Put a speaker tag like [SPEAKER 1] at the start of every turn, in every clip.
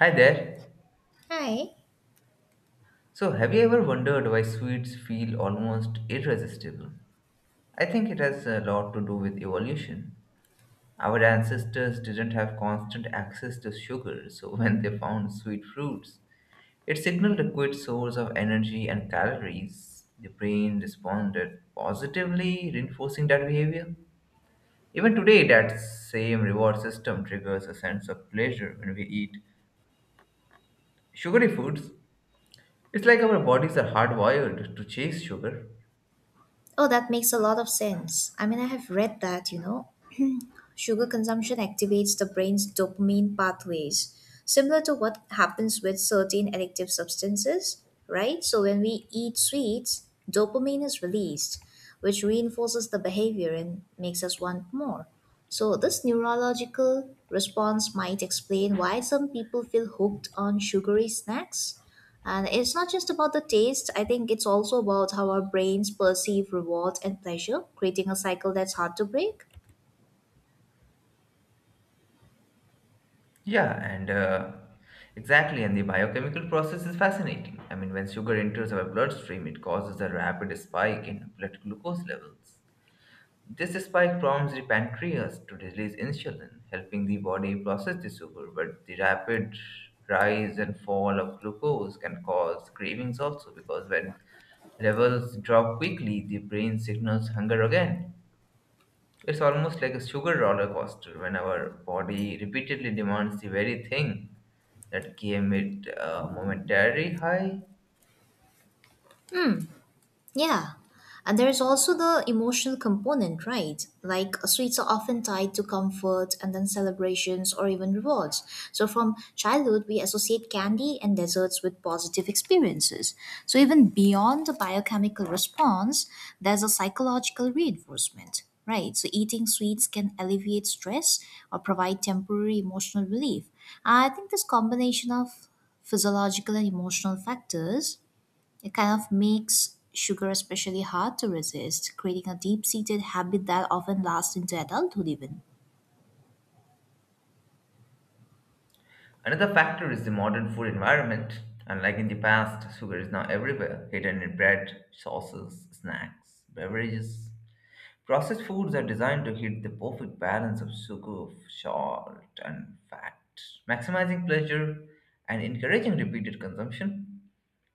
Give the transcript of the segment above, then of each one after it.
[SPEAKER 1] Hi there.
[SPEAKER 2] Hi.
[SPEAKER 1] So, have you ever wondered why sweets feel almost irresistible? I think it has a lot to do with evolution. Our ancestors didn't have constant access to sugar, so when they found sweet fruits, it signaled a quick source of energy and calories. The brain responded positively, reinforcing that behavior. Even today, that same reward system triggers a sense of pleasure when we eat sugary foods. It's like our bodies are hardwired to chase sugar.
[SPEAKER 2] Oh, that makes a lot of sense. I mean, I have read that, sugar consumption activates the brain's dopamine pathways, similar to what happens with certain addictive substances, right? So, when we eat sweets, dopamine is released, which reinforces the behavior and makes us want more. So, this neurological response might explain why some people feel hooked on sugary snacks. And it's not just about the taste, I think it's also about how our brains perceive reward and pleasure, creating a cycle that's hard to break.
[SPEAKER 1] Yeah, and exactly, and the biochemical process is fascinating. I mean, when sugar enters our bloodstream, it causes a rapid spike in blood glucose levels. This spike prompts the pancreas to release insulin, helping the body process the sugar. But the rapid rise and fall of glucose can cause cravings also, because when levels drop quickly, the brain signals hunger again. It's almost like a sugar roller coaster when our body repeatedly demands the very thing that gave it a momentary high.
[SPEAKER 2] Yeah, and there is also the emotional component, right? Like sweets are often tied to comfort and then celebrations or even rewards. So from childhood, we associate candy and desserts with positive experiences. So even beyond the biochemical response, there's a psychological reinforcement. Right, so eating sweets can alleviate stress or provide temporary emotional relief. I think this combination of physiological and emotional factors it kind of makes sugar especially hard to resist, creating a deep seated habit that often lasts into adulthood, even.
[SPEAKER 1] Another factor is the modern food environment. Unlike in the past, sugar is now everywhere, hidden in bread, sauces, snacks, beverages. Processed foods are designed to hit the perfect balance of sugar, salt, and fat, maximizing pleasure and encouraging repeated consumption.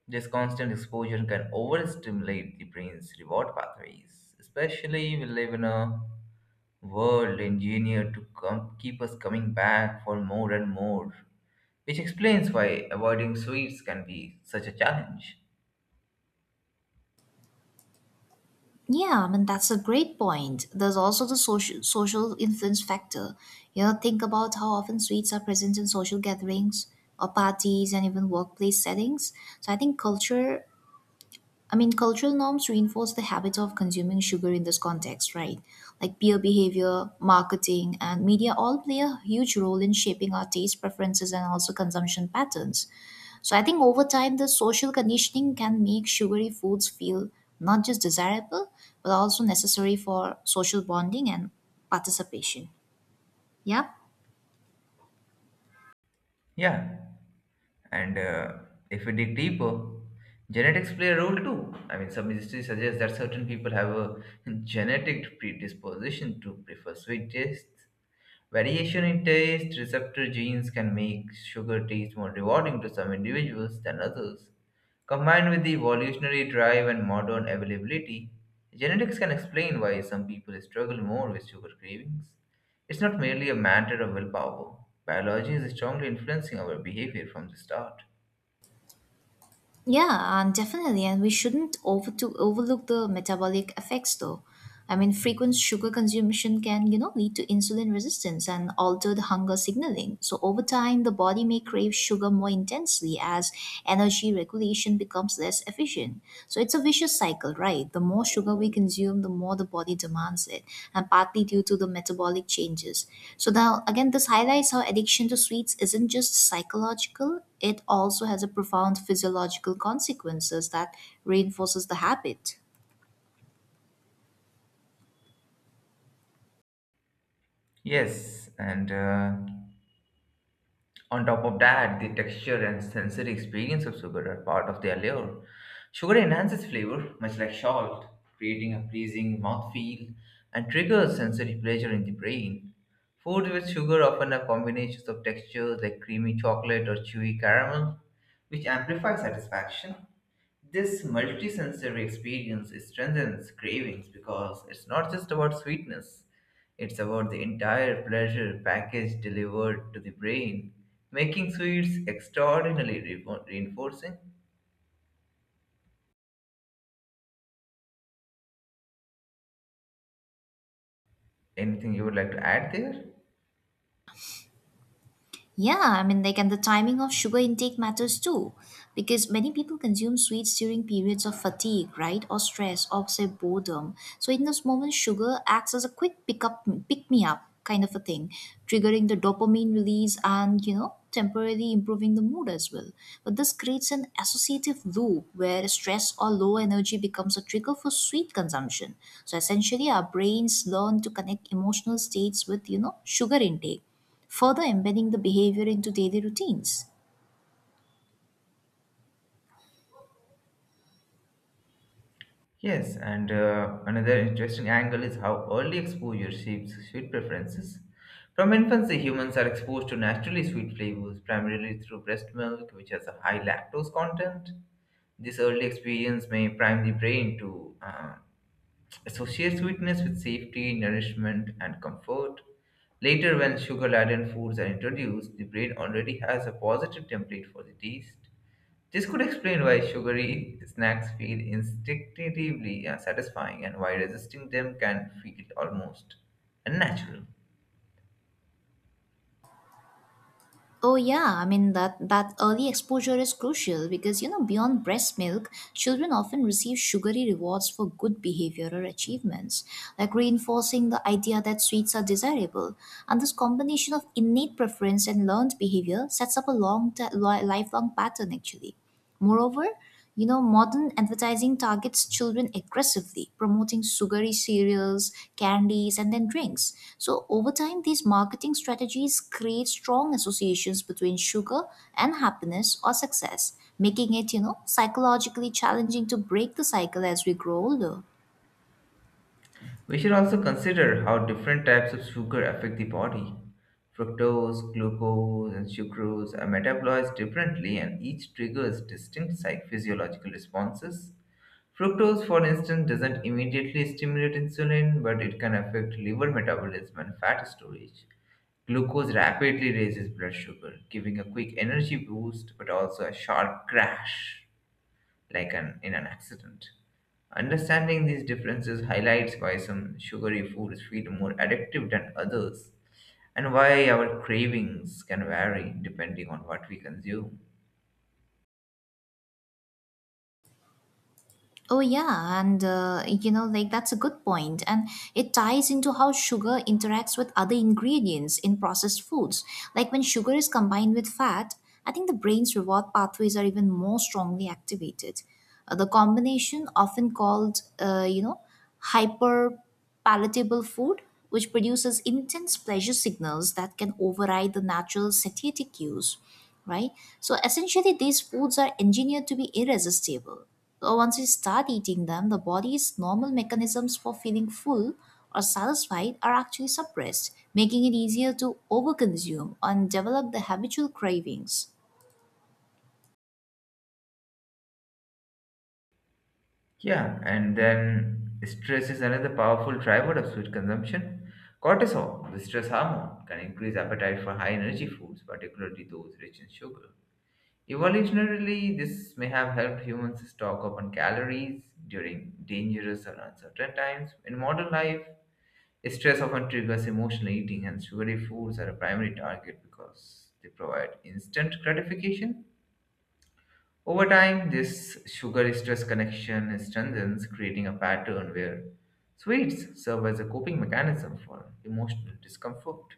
[SPEAKER 1] This constant exposure can overstimulate the brain's reward pathways, especially we live in a world engineered to keep us coming back for more and more, which explains why avoiding sweets can be such a challenge.
[SPEAKER 2] Yeah, I mean, that's a great point. There's also the social influence factor. You know, think about how often sweets are present in social gatherings or parties and even workplace settings. So I think cultural norms reinforce the habit of consuming sugar in this context, right? Like peer behavior, marketing, and media all play a huge role in shaping our taste preferences and also consumption patterns. So, I think over time, the social conditioning can make sugary foods feel not just desirable, but also necessary for social bonding and participation. Yeah?
[SPEAKER 1] Yeah, and if we dig deeper, genetics play a role too. I mean, some history suggests that certain people have a genetic predisposition to prefer sweet tastes. Variation in taste receptor genes can make sugar taste more rewarding to some individuals than others. Combined with the evolutionary drive and modern availability, genetics can explain why some people struggle more with sugar cravings. It's not merely a matter of willpower. Biology is strongly influencing our behavior from the start.
[SPEAKER 2] Yeah, and definitely. And we shouldn't overlook the metabolic effects, though. I mean, frequent sugar consumption can, lead to insulin resistance and altered hunger signaling. So over time, the body may crave sugar more intensely as energy regulation becomes less efficient. So it's a vicious cycle, right? The more sugar we consume, the more the body demands it, and partly due to the metabolic changes. So now, again, this highlights how addiction to sweets isn't just psychological; it also has a profound physiological consequences that reinforces the habit.
[SPEAKER 1] Yes, and On top of that, the texture and sensory experience of sugar are part of the allure. Sugar enhances flavor, much like salt, creating a pleasing mouthfeel and triggers sensory pleasure in the brain. Food with sugar often have combinations of textures like creamy chocolate or chewy caramel, which amplify satisfaction. This multisensory experience strengthens cravings because it's not just about sweetness, it's about the entire pleasure package delivered to the brain, making sweets extraordinarily reinforcing. Anything you would like to add there?
[SPEAKER 2] Yeah, I mean, and the timing of sugar intake matters too, because many people consume sweets during periods of fatigue, right, or stress, or say boredom. So in those moments, sugar acts as a quick pick me up kind of a thing, triggering the dopamine release and temporarily improving the mood as well. But this creates an associative loop where stress or low energy becomes a trigger for sweet consumption. So essentially, our brains learn to connect emotional states with sugar intake further embedding the behavior into daily routines.
[SPEAKER 1] Yes, and another interesting angle is how early exposure shapes sweet preferences. From infancy, humans are exposed to naturally sweet flavors, primarily through breast milk, which has a high lactose content. This early experience may prime the brain to associate sweetness with safety, nourishment, and comfort. Later, when sugar laden foods are introduced, the brain already has a positive template for the taste. This could explain why sugary snacks feel instinctively satisfying and why resisting them can feel almost unnatural.
[SPEAKER 2] Oh yeah, I mean that early exposure is crucial because beyond breast milk, children often receive sugary rewards for good behavior or achievements, like reinforcing the idea that sweets are desirable. And this combination of innate preference and learned behavior sets up a lifelong pattern actually. Moreover, modern advertising targets children aggressively, promoting sugary cereals, candies, and then drinks. So, over time, these marketing strategies create strong associations between sugar and happiness or success, making it, psychologically challenging to break the cycle as we grow older.
[SPEAKER 1] We should also consider how different types of sugar affect the body. Fructose, glucose, and sucrose are metabolized differently and each triggers distinct physiological responses. Fructose, for instance, doesn't immediately stimulate insulin, but it can affect liver metabolism and fat storage. Glucose rapidly raises blood sugar, giving a quick energy boost but also a sharp crash, in an accident. Understanding these differences highlights why some sugary foods feel more addictive than others and why our cravings can vary depending on what we consume.
[SPEAKER 2] Oh, yeah. Like that's a good point. And it ties into how sugar interacts with other ingredients in processed foods. Like when sugar is combined with fat, I think the brain's reward pathways are even more strongly activated. The combination, often called, hyperpigmentation, palatable food, which produces intense pleasure signals that can override the natural satiety cues, right? So essentially, these foods are engineered to be irresistible. So once you start eating them, the body's normal mechanisms for feeling full or satisfied are actually suppressed, making it easier to overconsume and develop the habitual cravings.
[SPEAKER 1] Yeah, and then stress is another powerful driver of sweet consumption. Cortisol, the stress hormone, can increase appetite for high energy foods, particularly those rich in sugar. Evolutionarily, this may have helped humans stock up on calories during dangerous or uncertain times. In modern life, stress often triggers emotional eating, and sugary foods are a primary target because they provide instant gratification. Over time, this sugar stress connection strengthens, creating a pattern where sweets serve as a coping mechanism for emotional discomfort.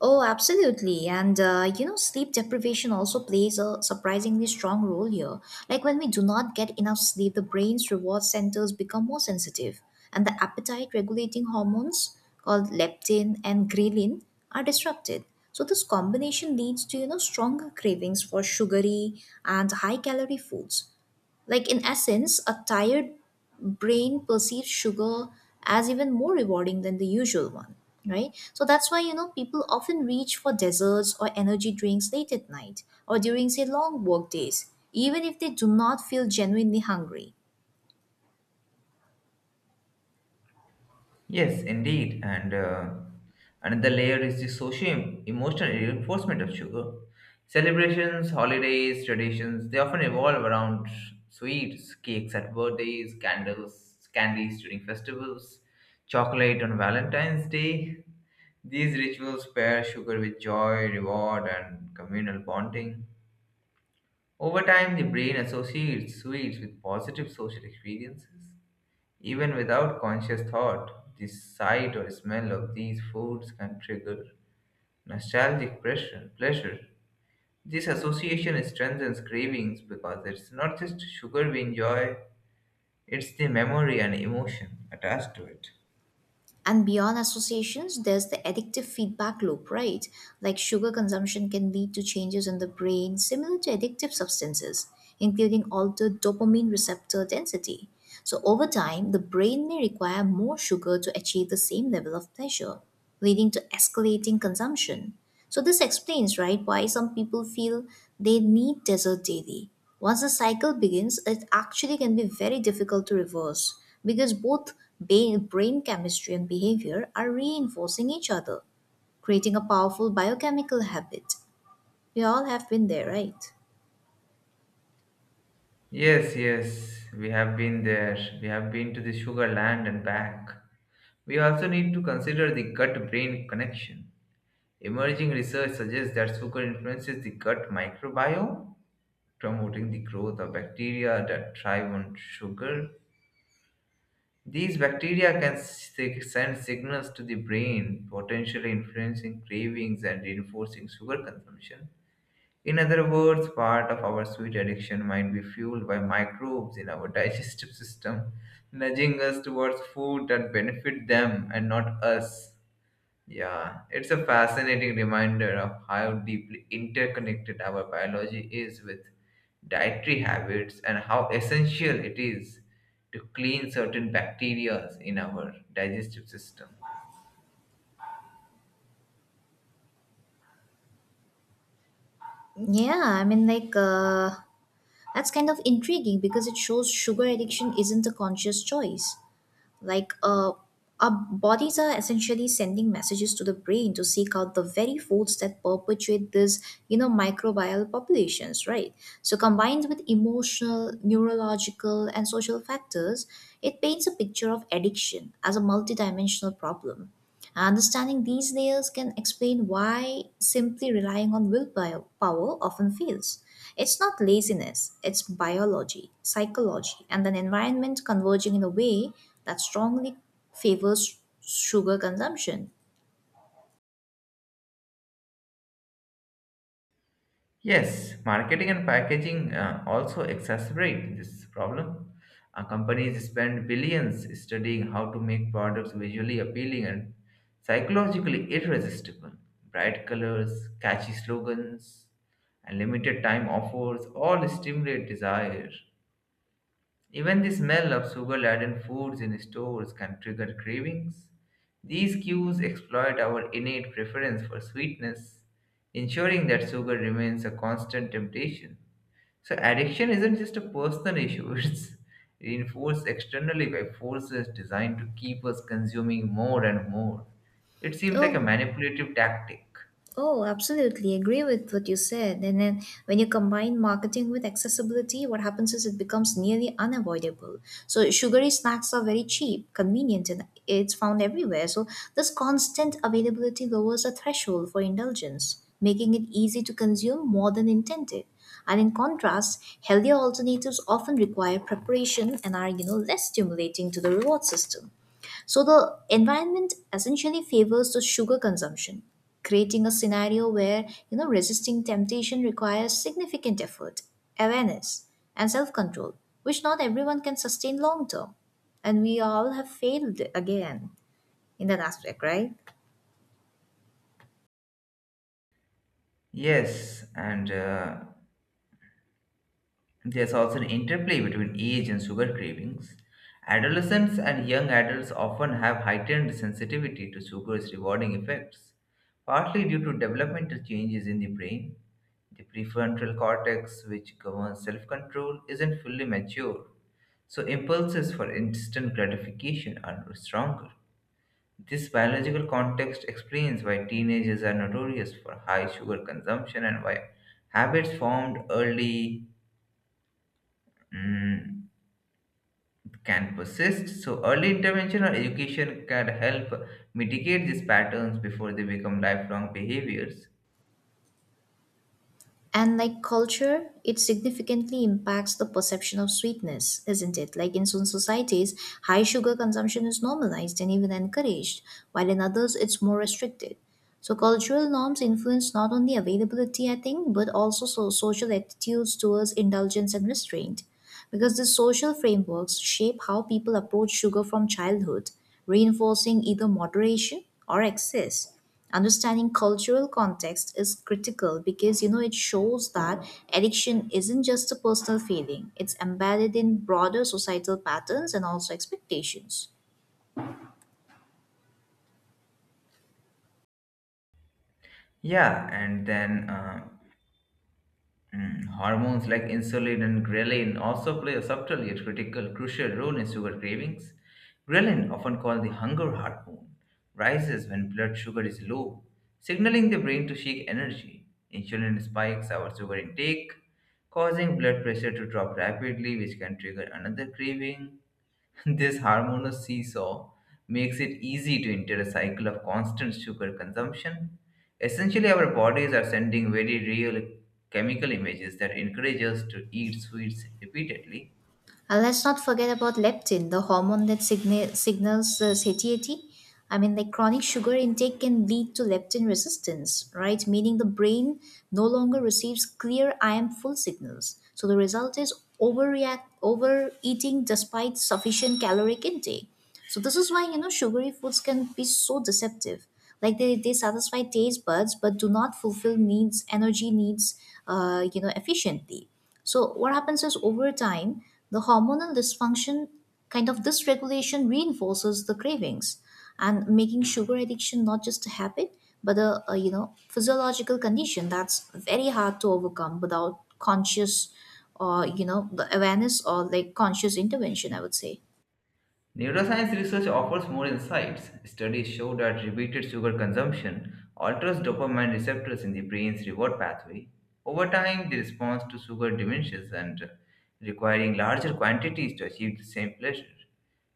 [SPEAKER 2] Oh, absolutely. And sleep deprivation also plays a surprisingly strong role here. Like when we do not get enough sleep, the brain's reward centers become more sensitive, and the appetite regulating hormones called leptin and ghrelin are disrupted. So this combination leads to, stronger cravings for sugary and high calorie foods. Like in essence, a tired brain perceives sugar as even more rewarding than the usual one, right? So that's why, people often reach for desserts or energy drinks late at night or during, say, long work days, even if they do not feel genuinely hungry.
[SPEAKER 1] Yes, indeed. And another layer is the socio emotional reinforcement of sugar. Celebrations, holidays, traditions, they often evolve around sweets, cakes at birthdays, candles, candies during festivals, chocolate on Valentine's Day. These rituals pair sugar with joy, reward, and communal bonding. Over time, the brain associates sweets with positive social experiences. Even without conscious thought, the sight or smell of these foods can trigger nostalgic pressure, pleasure. This association strengthens cravings because it's not just sugar we enjoy, it's the memory and emotion attached to it.
[SPEAKER 2] And beyond associations, there's the addictive feedback loop, right? Like sugar consumption can lead to changes in the brain similar to addictive substances, including altered dopamine receptor density. So, over time, the brain may require more sugar to achieve the same level of pleasure, leading to escalating consumption. So, this explains, right, why some people feel they need dessert daily once the cycle begins, it actually can be very difficult to reverse because both brain chemistry and behavior are reinforcing each other, creating a powerful biochemical habit. We all have been there, right?
[SPEAKER 1] Yes, yes, we have been there. We have been to the sugar land and back. We also need to consider the gut brain connection. Emerging research suggests that sugar influences the gut microbiome promoting the growth of bacteria that thrive on sugar. These bacteria can send signals to the brain, potentially influencing cravings and reinforcing sugar consumption. In other words, part of our sweet addiction might be fueled by microbes in our digestive system, nudging us towards food that benefit them and not us. Yeah, it's a fascinating reminder of how deeply interconnected our biology is with dietary habits and how essential it is to clean certain bacteria in our digestive system.
[SPEAKER 2] Yeah, I mean, that's kind of intriguing because it shows sugar addiction isn't a conscious choice. Like, uh, our bodies are essentially sending messages to the brain to seek out the very foods that perpetuate this, microbial populations, right? So, combined with emotional, neurological, and social factors, it paints a picture of addiction as a multidimensional problem. Understanding these layers can explain why simply relying on willpower power often fails. It's not laziness, it's biology, psychology, and an environment converging in a way that strongly favors sugar consumption.
[SPEAKER 1] Yes, marketing and packaging also exacerbate this problem. Companies spend billions studying how to make products visually appealing and psychologically irresistible. Bright colors, catchy slogans, and limited time offers all stimulate desire. Even the smell of sugar laden foods in stores can trigger cravings. These cues exploit our innate preference for sweetness, ensuring that sugar remains a constant temptation. So, addiction isn't just a personal issue, it's reinforced externally by forces designed to keep us consuming more and more. It seems like a
[SPEAKER 2] Oh,
[SPEAKER 1] manipulative tactic.
[SPEAKER 2] Oh, absolutely. Agree with what you said. And then when you combine marketing with accessibility, what happens is it becomes nearly unavoidable. So sugary snacks are very cheap, convenient, and it's found everywhere. So this constant availability lowers the threshold for indulgence, making it easy to consume more than intended. And in contrast, healthier alternatives often require preparation and are, less stimulating to the reward system. So the environment essentially favors the sugar consumption, creating a scenario where, resisting temptation requires significant effort, awareness, and self-control, which not everyone can sustain long term. And we all have failed again in that aspect, right?
[SPEAKER 1] Yes, and There's also an interplay between age and sugar cravings. Adolescents and young adults often have heightened sensitivity to sugar's rewarding effects, partly due to developmental changes in the brain. The prefrontal cortex, which governs self control, isn't fully mature, so impulses for instant gratification are stronger. This biological context explains why teenagers are notorious for high sugar consumption and why habits formed early mm, can persist. So, early intervention or education can help mitigate these patterns before they become lifelong behaviors.
[SPEAKER 2] And like culture, it significantly impacts the perception of sweetness, isn't it? Like in some societies, high sugar consumption is normalized and even encouraged, while in others, it's more restricted. So, cultural norms influence not only availability, I think, but also social attitudes towards indulgence and restraint. Because the social frameworks shape how people approach sugar from childhood, reinforcing either moderation or excess understanding cultural context is critical because it shows that addiction isn't just a personal feeling it's embedded in broader societal patterns and also expectations
[SPEAKER 1] Yeah, hormones like insulin and ghrelin also play a subtle yet crucial role in sugar cravings. Ghrelin, often called the hunger hormone, rises when blood sugar is low, signaling the brain to seek energy. Insulin spikes our sugar intake, causing blood pressure to drop rapidly, which can trigger another craving. This harmonious seesaw makes it easy to enter a cycle of constant sugar consumption. Essentially, our bodies are sending very real chemical images that encourage us to eat sweets repeatedly.
[SPEAKER 2] and let's not forget about leptin the hormone that signals satiety. I mean like chronic sugar intake can lead to leptin resistance right meaning the brain no longer receives clear I am full signals so the result is overreact overeating despite sufficient caloric intake. So this is why sugary foods can be so deceptive. Like they satisfy taste buds but do not fulfill needs energy needs efficiently. So what happens is over time the hormonal dysfunction kind of dysregulation reinforces the cravings and making sugar addiction not just a habit but a physiological condition that's very hard to overcome without conscious or the awareness or like conscious intervention I would say.
[SPEAKER 1] Neuroscience research offers more insights. Studies show that repeated sugar consumption alters dopamine receptors in the brain's reward pathway. Over time, the response to sugar diminishes and requiring larger quantities to achieve the same pleasure.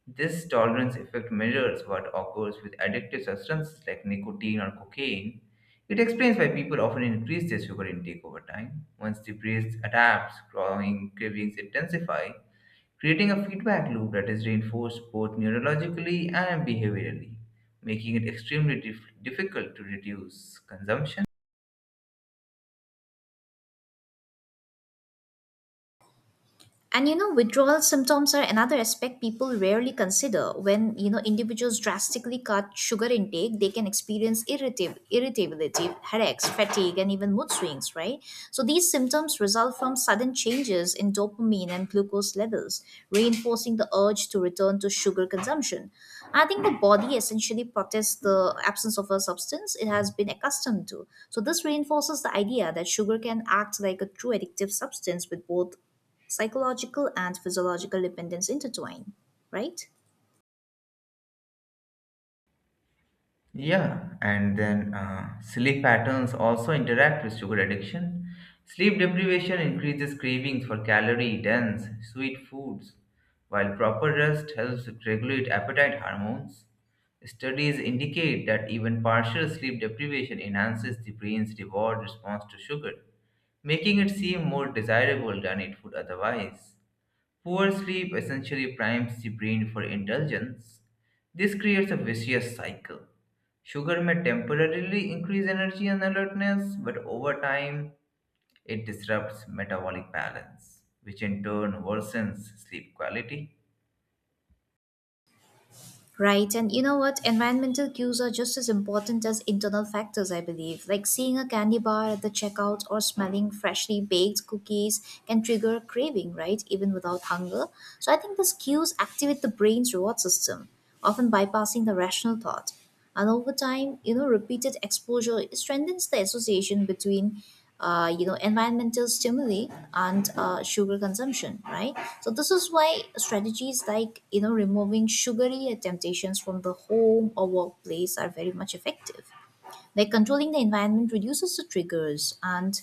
[SPEAKER 1] This tolerance effect mirrors what occurs with addictive substances like nicotine or cocaine. It explains why people often increase their sugar intake over time. Once the brain adapts, growing cravings intensify, creating a feedback loop that is reinforced both neurologically and behaviorally, making it extremely difficult to reduce consumption.
[SPEAKER 2] And withdrawal symptoms are another aspect people rarely consider. When individuals drastically cut sugar intake, they can experience irritability, headaches, fatigue, and even mood swings. Right. So these symptoms result from sudden changes in dopamine and glucose levels, reinforcing the urge to return to sugar consumption. I think the body essentially protests the absence of a substance it has been accustomed to. So this reinforces the idea that sugar can act like a true addictive substance with both psychological and physiological dependence intertwine, right?
[SPEAKER 1] Yeah, and then sleep patterns also interact with sugar addiction. Sleep deprivation increases cravings for calorie dense, sweet foods, while proper rest helps regulate appetite hormones. Studies indicate that even partial sleep deprivation enhances the brain's reward response to sugar making it seem more desirable than it would otherwise. Poor sleep essentially primes the brain for indulgence. This creates a vicious cycle. Sugar may temporarily increase energy and alertness, but over time, it disrupts metabolic balance, which in turn worsens sleep quality.
[SPEAKER 2] Right, and you know what? Environmental cues are just as important as internal factors, I believe. Like seeing a candy bar at the checkout or smelling freshly baked cookies can trigger craving, right? Even without hunger. So I think these cues activate the brain's reward system, often bypassing the rational thought. And over time repeated exposure strengthens the association between environmental stimuli and sugar consumption right so this is why strategies like removing sugary temptations from the home or workplace are very much effective like controlling the environment reduces the triggers and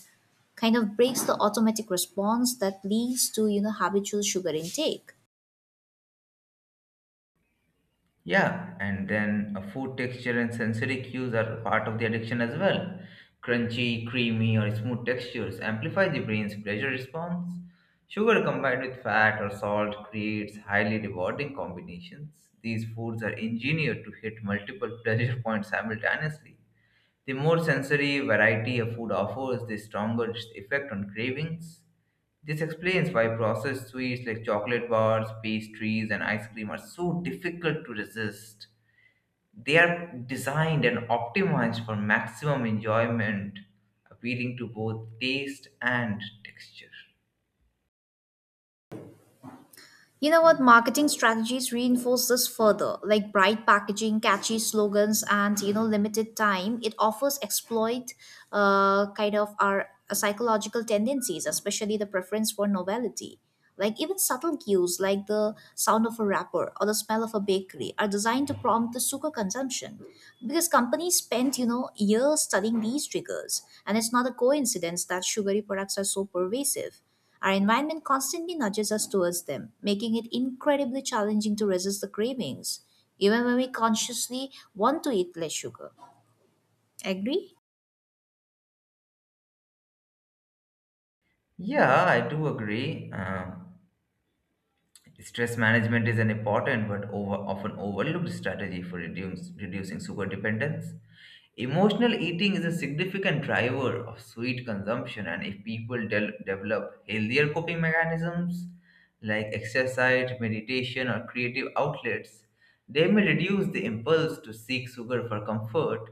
[SPEAKER 2] kind of breaks the automatic response that leads to habitual sugar intake.
[SPEAKER 1] Yeah, and then food texture and sensory cues are part of the addiction as well. Crunchy, creamy, or smooth textures amplify the brain's pleasure response. Sugar combined with fat or salt creates highly rewarding combinations. These foods are engineered to hit multiple pleasure points simultaneously. The more sensory variety a food offers, the stronger its effect on cravings. This explains why processed sweets like chocolate bars, pastries, and ice cream are so difficult to resist. They are designed and optimized for maximum enjoyment, appealing to both taste and texture.
[SPEAKER 2] You know what? Marketing strategies reinforce this further, like bright packaging, catchy slogans, and limited time. It offers exploit kind of our psychological tendencies, especially the preference for novelty. Like even subtle cues, like the sound of a wrapper or the smell of a bakery, are designed to prompt the sugar consumption, because companies spent years studying these triggers, and it's not a coincidence that sugary products are so pervasive. Our environment constantly nudges us towards them, making it incredibly challenging to resist the cravings, even when we consciously want to eat less sugar. Agree?
[SPEAKER 1] Yeah, I do agree. Stress management is an important but often overlooked strategy for reducing sugar dependence. Emotional eating is a significant driver of sweet consumption, and if people develop healthier coping mechanisms like exercise, meditation, or creative outlets, they may reduce the impulse to seek sugar for comfort.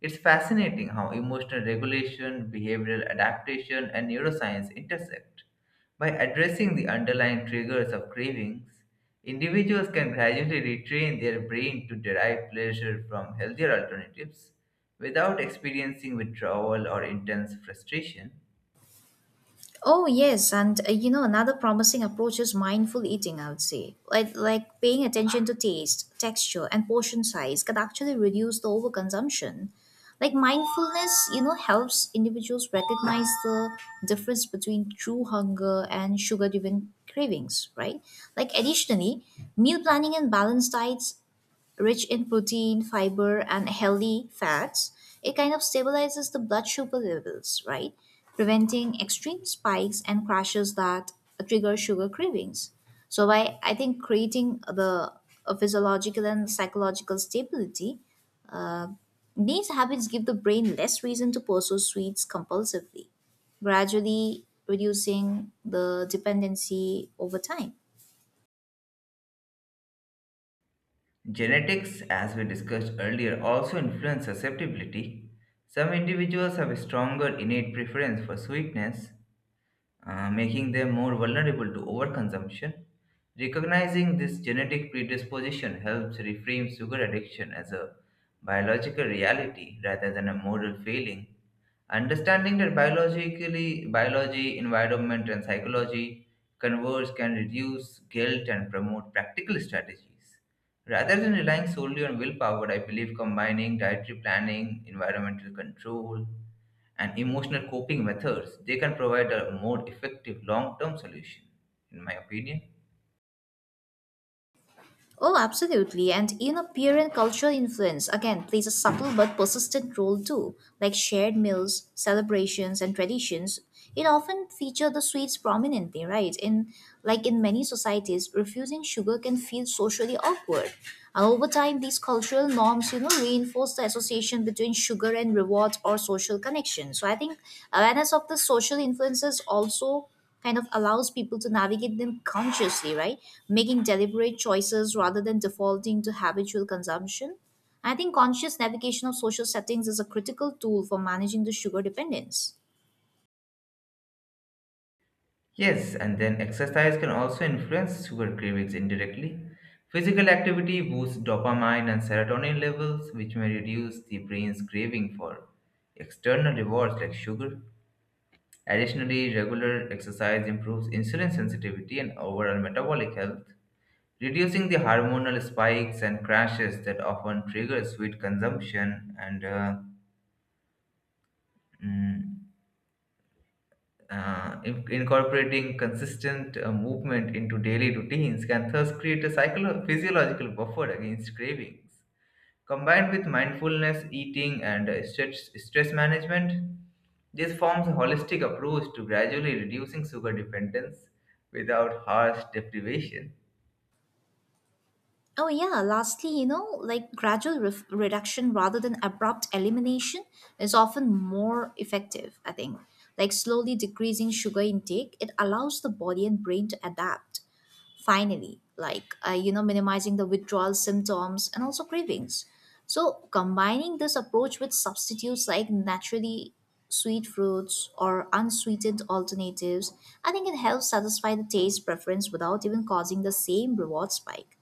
[SPEAKER 1] It's fascinating how emotional regulation, behavioral adaptation, and neuroscience intersect. By addressing the underlying triggers of cravings, individuals can gradually retrain their brain to derive pleasure from healthier alternatives without experiencing withdrawal or intense frustration.
[SPEAKER 2] Oh yes, and another promising approach is mindful eating. I would say, like paying attention to taste, texture, and portion size can actually reduce the overconsumption. Like mindfulness, helps individuals recognize the difference between true hunger and sugar-driven cravings, right? Like additionally, meal planning and balanced diets rich in protein, fiber, and healthy fats, it kind of stabilizes the blood sugar levels, right? Preventing extreme spikes and crashes that trigger sugar cravings. So by I think creating the a physiological and psychological stability, uh, these habits give the brain less reason to pursue sweets compulsively, gradually reducing the dependency over time.
[SPEAKER 1] Genetics, as we discussed earlier, also influence susceptibility. Some individuals have a stronger innate preference for sweetness, making them more vulnerable to overconsumption. Recognizing this genetic predisposition helps reframe sugar addiction as a biological reality rather than a moral failing. Understanding that biologically biology, environment, and psychology converge can reduce guilt and promote practical strategies. Rather than relying solely on willpower, I believe combining dietary planning, environmental control, and emotional coping methods, they can provide a more effective long term solution, in my opinion.
[SPEAKER 2] Oh, absolutely. And peer and cultural influence again plays a subtle but persistent role too, like shared meals, celebrations, and traditions. It often feature the sweets prominently, right? In in many societies, refusing sugar can feel socially awkward. And over time, these cultural norms, reinforce the association between sugar and rewards or social connection. So I think awareness of the social influences also kind of allows people to navigate them consciously, right? Making deliberate choices rather than defaulting to habitual consumption. I think conscious navigation of social settings is a critical tool for managing the sugar dependence.
[SPEAKER 1] Yes, and then exercise can also influence sugar cravings indirectly. Physical activity boosts dopamine and serotonin levels, which may reduce the brain's craving for external rewards like sugar. Additionally, regular exercise improves insulin sensitivity and overall metabolic health, reducing the hormonal spikes and crashes that often trigger sweet consumption Mm, incorporating consistent movement into daily routines can thus create a physiological buffer against cravings. Combined with mindfulness, eating, and stress management, this forms a holistic approach to gradually reducing sugar dependence without harsh deprivation.
[SPEAKER 2] Oh, yeah. Lastly, like gradual ref reduction rather than abrupt elimination is often more effective, I think. Like slowly decreasing sugar intake, it allows the body and brain to adapt finally like minimizing the withdrawal symptoms and also cravings. So combining this approach with substitutes like naturally sweet fruits or unsweetened alternatives, I think it helps satisfy the taste preference without even causing the same reward spike.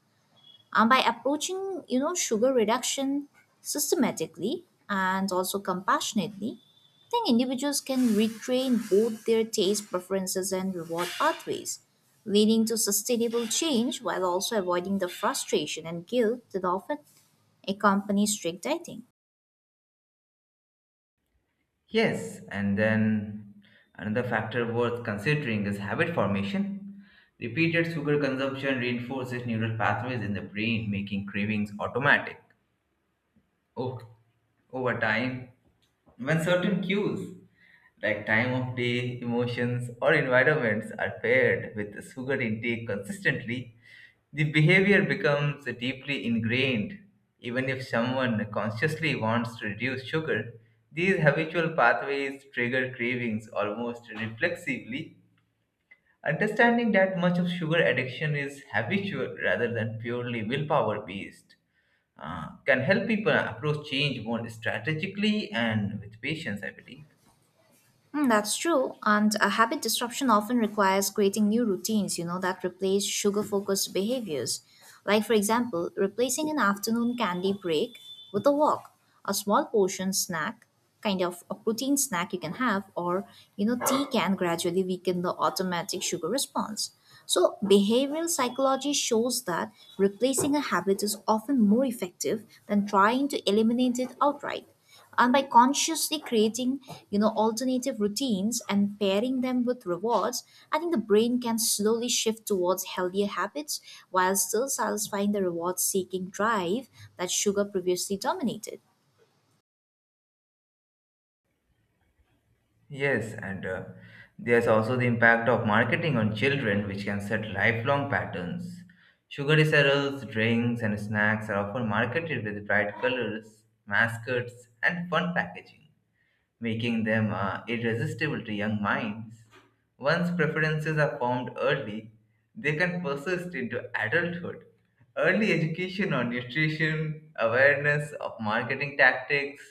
[SPEAKER 2] By approaching, sugar reduction systematically and also compassionately, I think individuals can retrain both their taste preferences and reward pathways, leading to sustainable change while also avoiding the frustration and guilt that often accompany strict dieting.
[SPEAKER 1] Yes, and then another factor worth considering is habit formation. Repeated sugar consumption reinforces neural pathways in the brain, making cravings automatic o- over time, when certain cues like time of day, emotions, or environments are paired with sugar intake consistently, the behavior becomes deeply ingrained. Even if someone consciously wants to reduce sugar, these habitual pathways trigger cravings almost reflexively. Understanding that much of sugar addiction is habitual rather than purely willpower based can help people approach change more strategically and with patience, I believe.
[SPEAKER 2] Mm, that's true. And a habit disruption often requires creating new routines, that replace sugar focused behaviors. Like, for example, replacing an afternoon candy break with a walk, a small portion snack, kind of a protein snack you can have, or, tea can gradually weaken the automatic sugar response. So, behavioral psychology shows that replacing a habit is often more effective than trying to eliminate it outright, and by consciously creating alternative routines and pairing them with rewards, I think the brain can slowly shift towards healthier habits while still satisfying the reward seeking drive that sugar previously dominated.
[SPEAKER 1] Yes, and there's also the impact of marketing on children, which can set lifelong patterns. Sugary cereals, drinks, and snacks are often marketed with bright colors, mascots, and fun packaging making them irresistible to young minds. Once preferences are formed early, they can persist into adulthood. Early education on nutrition, awareness of marketing tactics,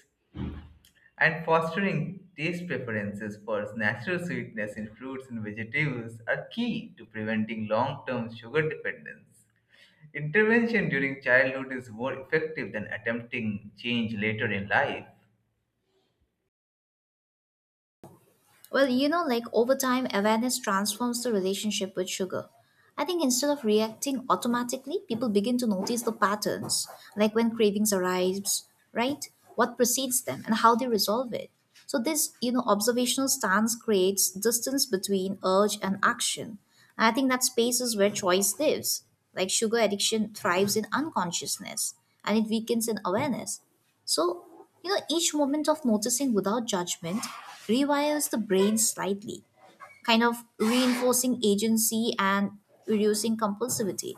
[SPEAKER 1] and fostering taste preferences for natural sweetness in fruits and vegetables are key to preventing long term sugar dependence. Intervention during childhood is more effective than attempting change later in life.
[SPEAKER 2] Well, like over time, awareness transforms the relationship with sugar. I think instead of reacting automatically, people begin to notice the patterns, like when cravings arise, right? What precedes them and how they resolve it. So this, observational stance creates distance between urge and action. And I think that space is where choice lives. Like sugar addiction thrives in unconsciousness and it weakens in awareness. So, each moment of noticing without judgment rewires the brain slightly, kind of reinforcing agency and reducing compulsivity.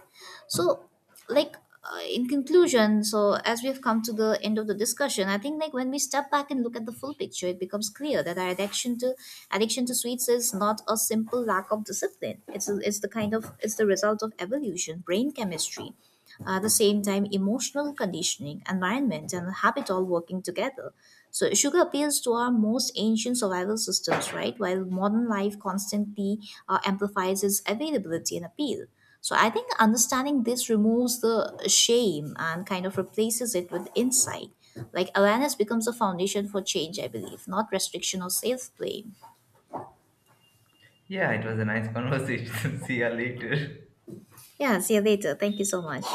[SPEAKER 2] So, like, in conclusion, so as we've come to the end of the discussion, I think like when we step back and look at the full picture, it becomes clear that our addiction to sweets is not a simple lack of discipline. It's the kind of it's the result of evolution, brain chemistry, at the same time, emotional conditioning, environment, and habit all working together. So, sugar appeals to our most ancient survival systems, right? While modern life constantly amplifies its availability and appeal. So, I think understanding this removes the shame and kind of replaces it with insight. Like awareness becomes a foundation for change, I believe, not restriction or self blame.
[SPEAKER 1] Yeah, it was a nice conversation. See you later.
[SPEAKER 2] Yeah, see you later. Thank you so much.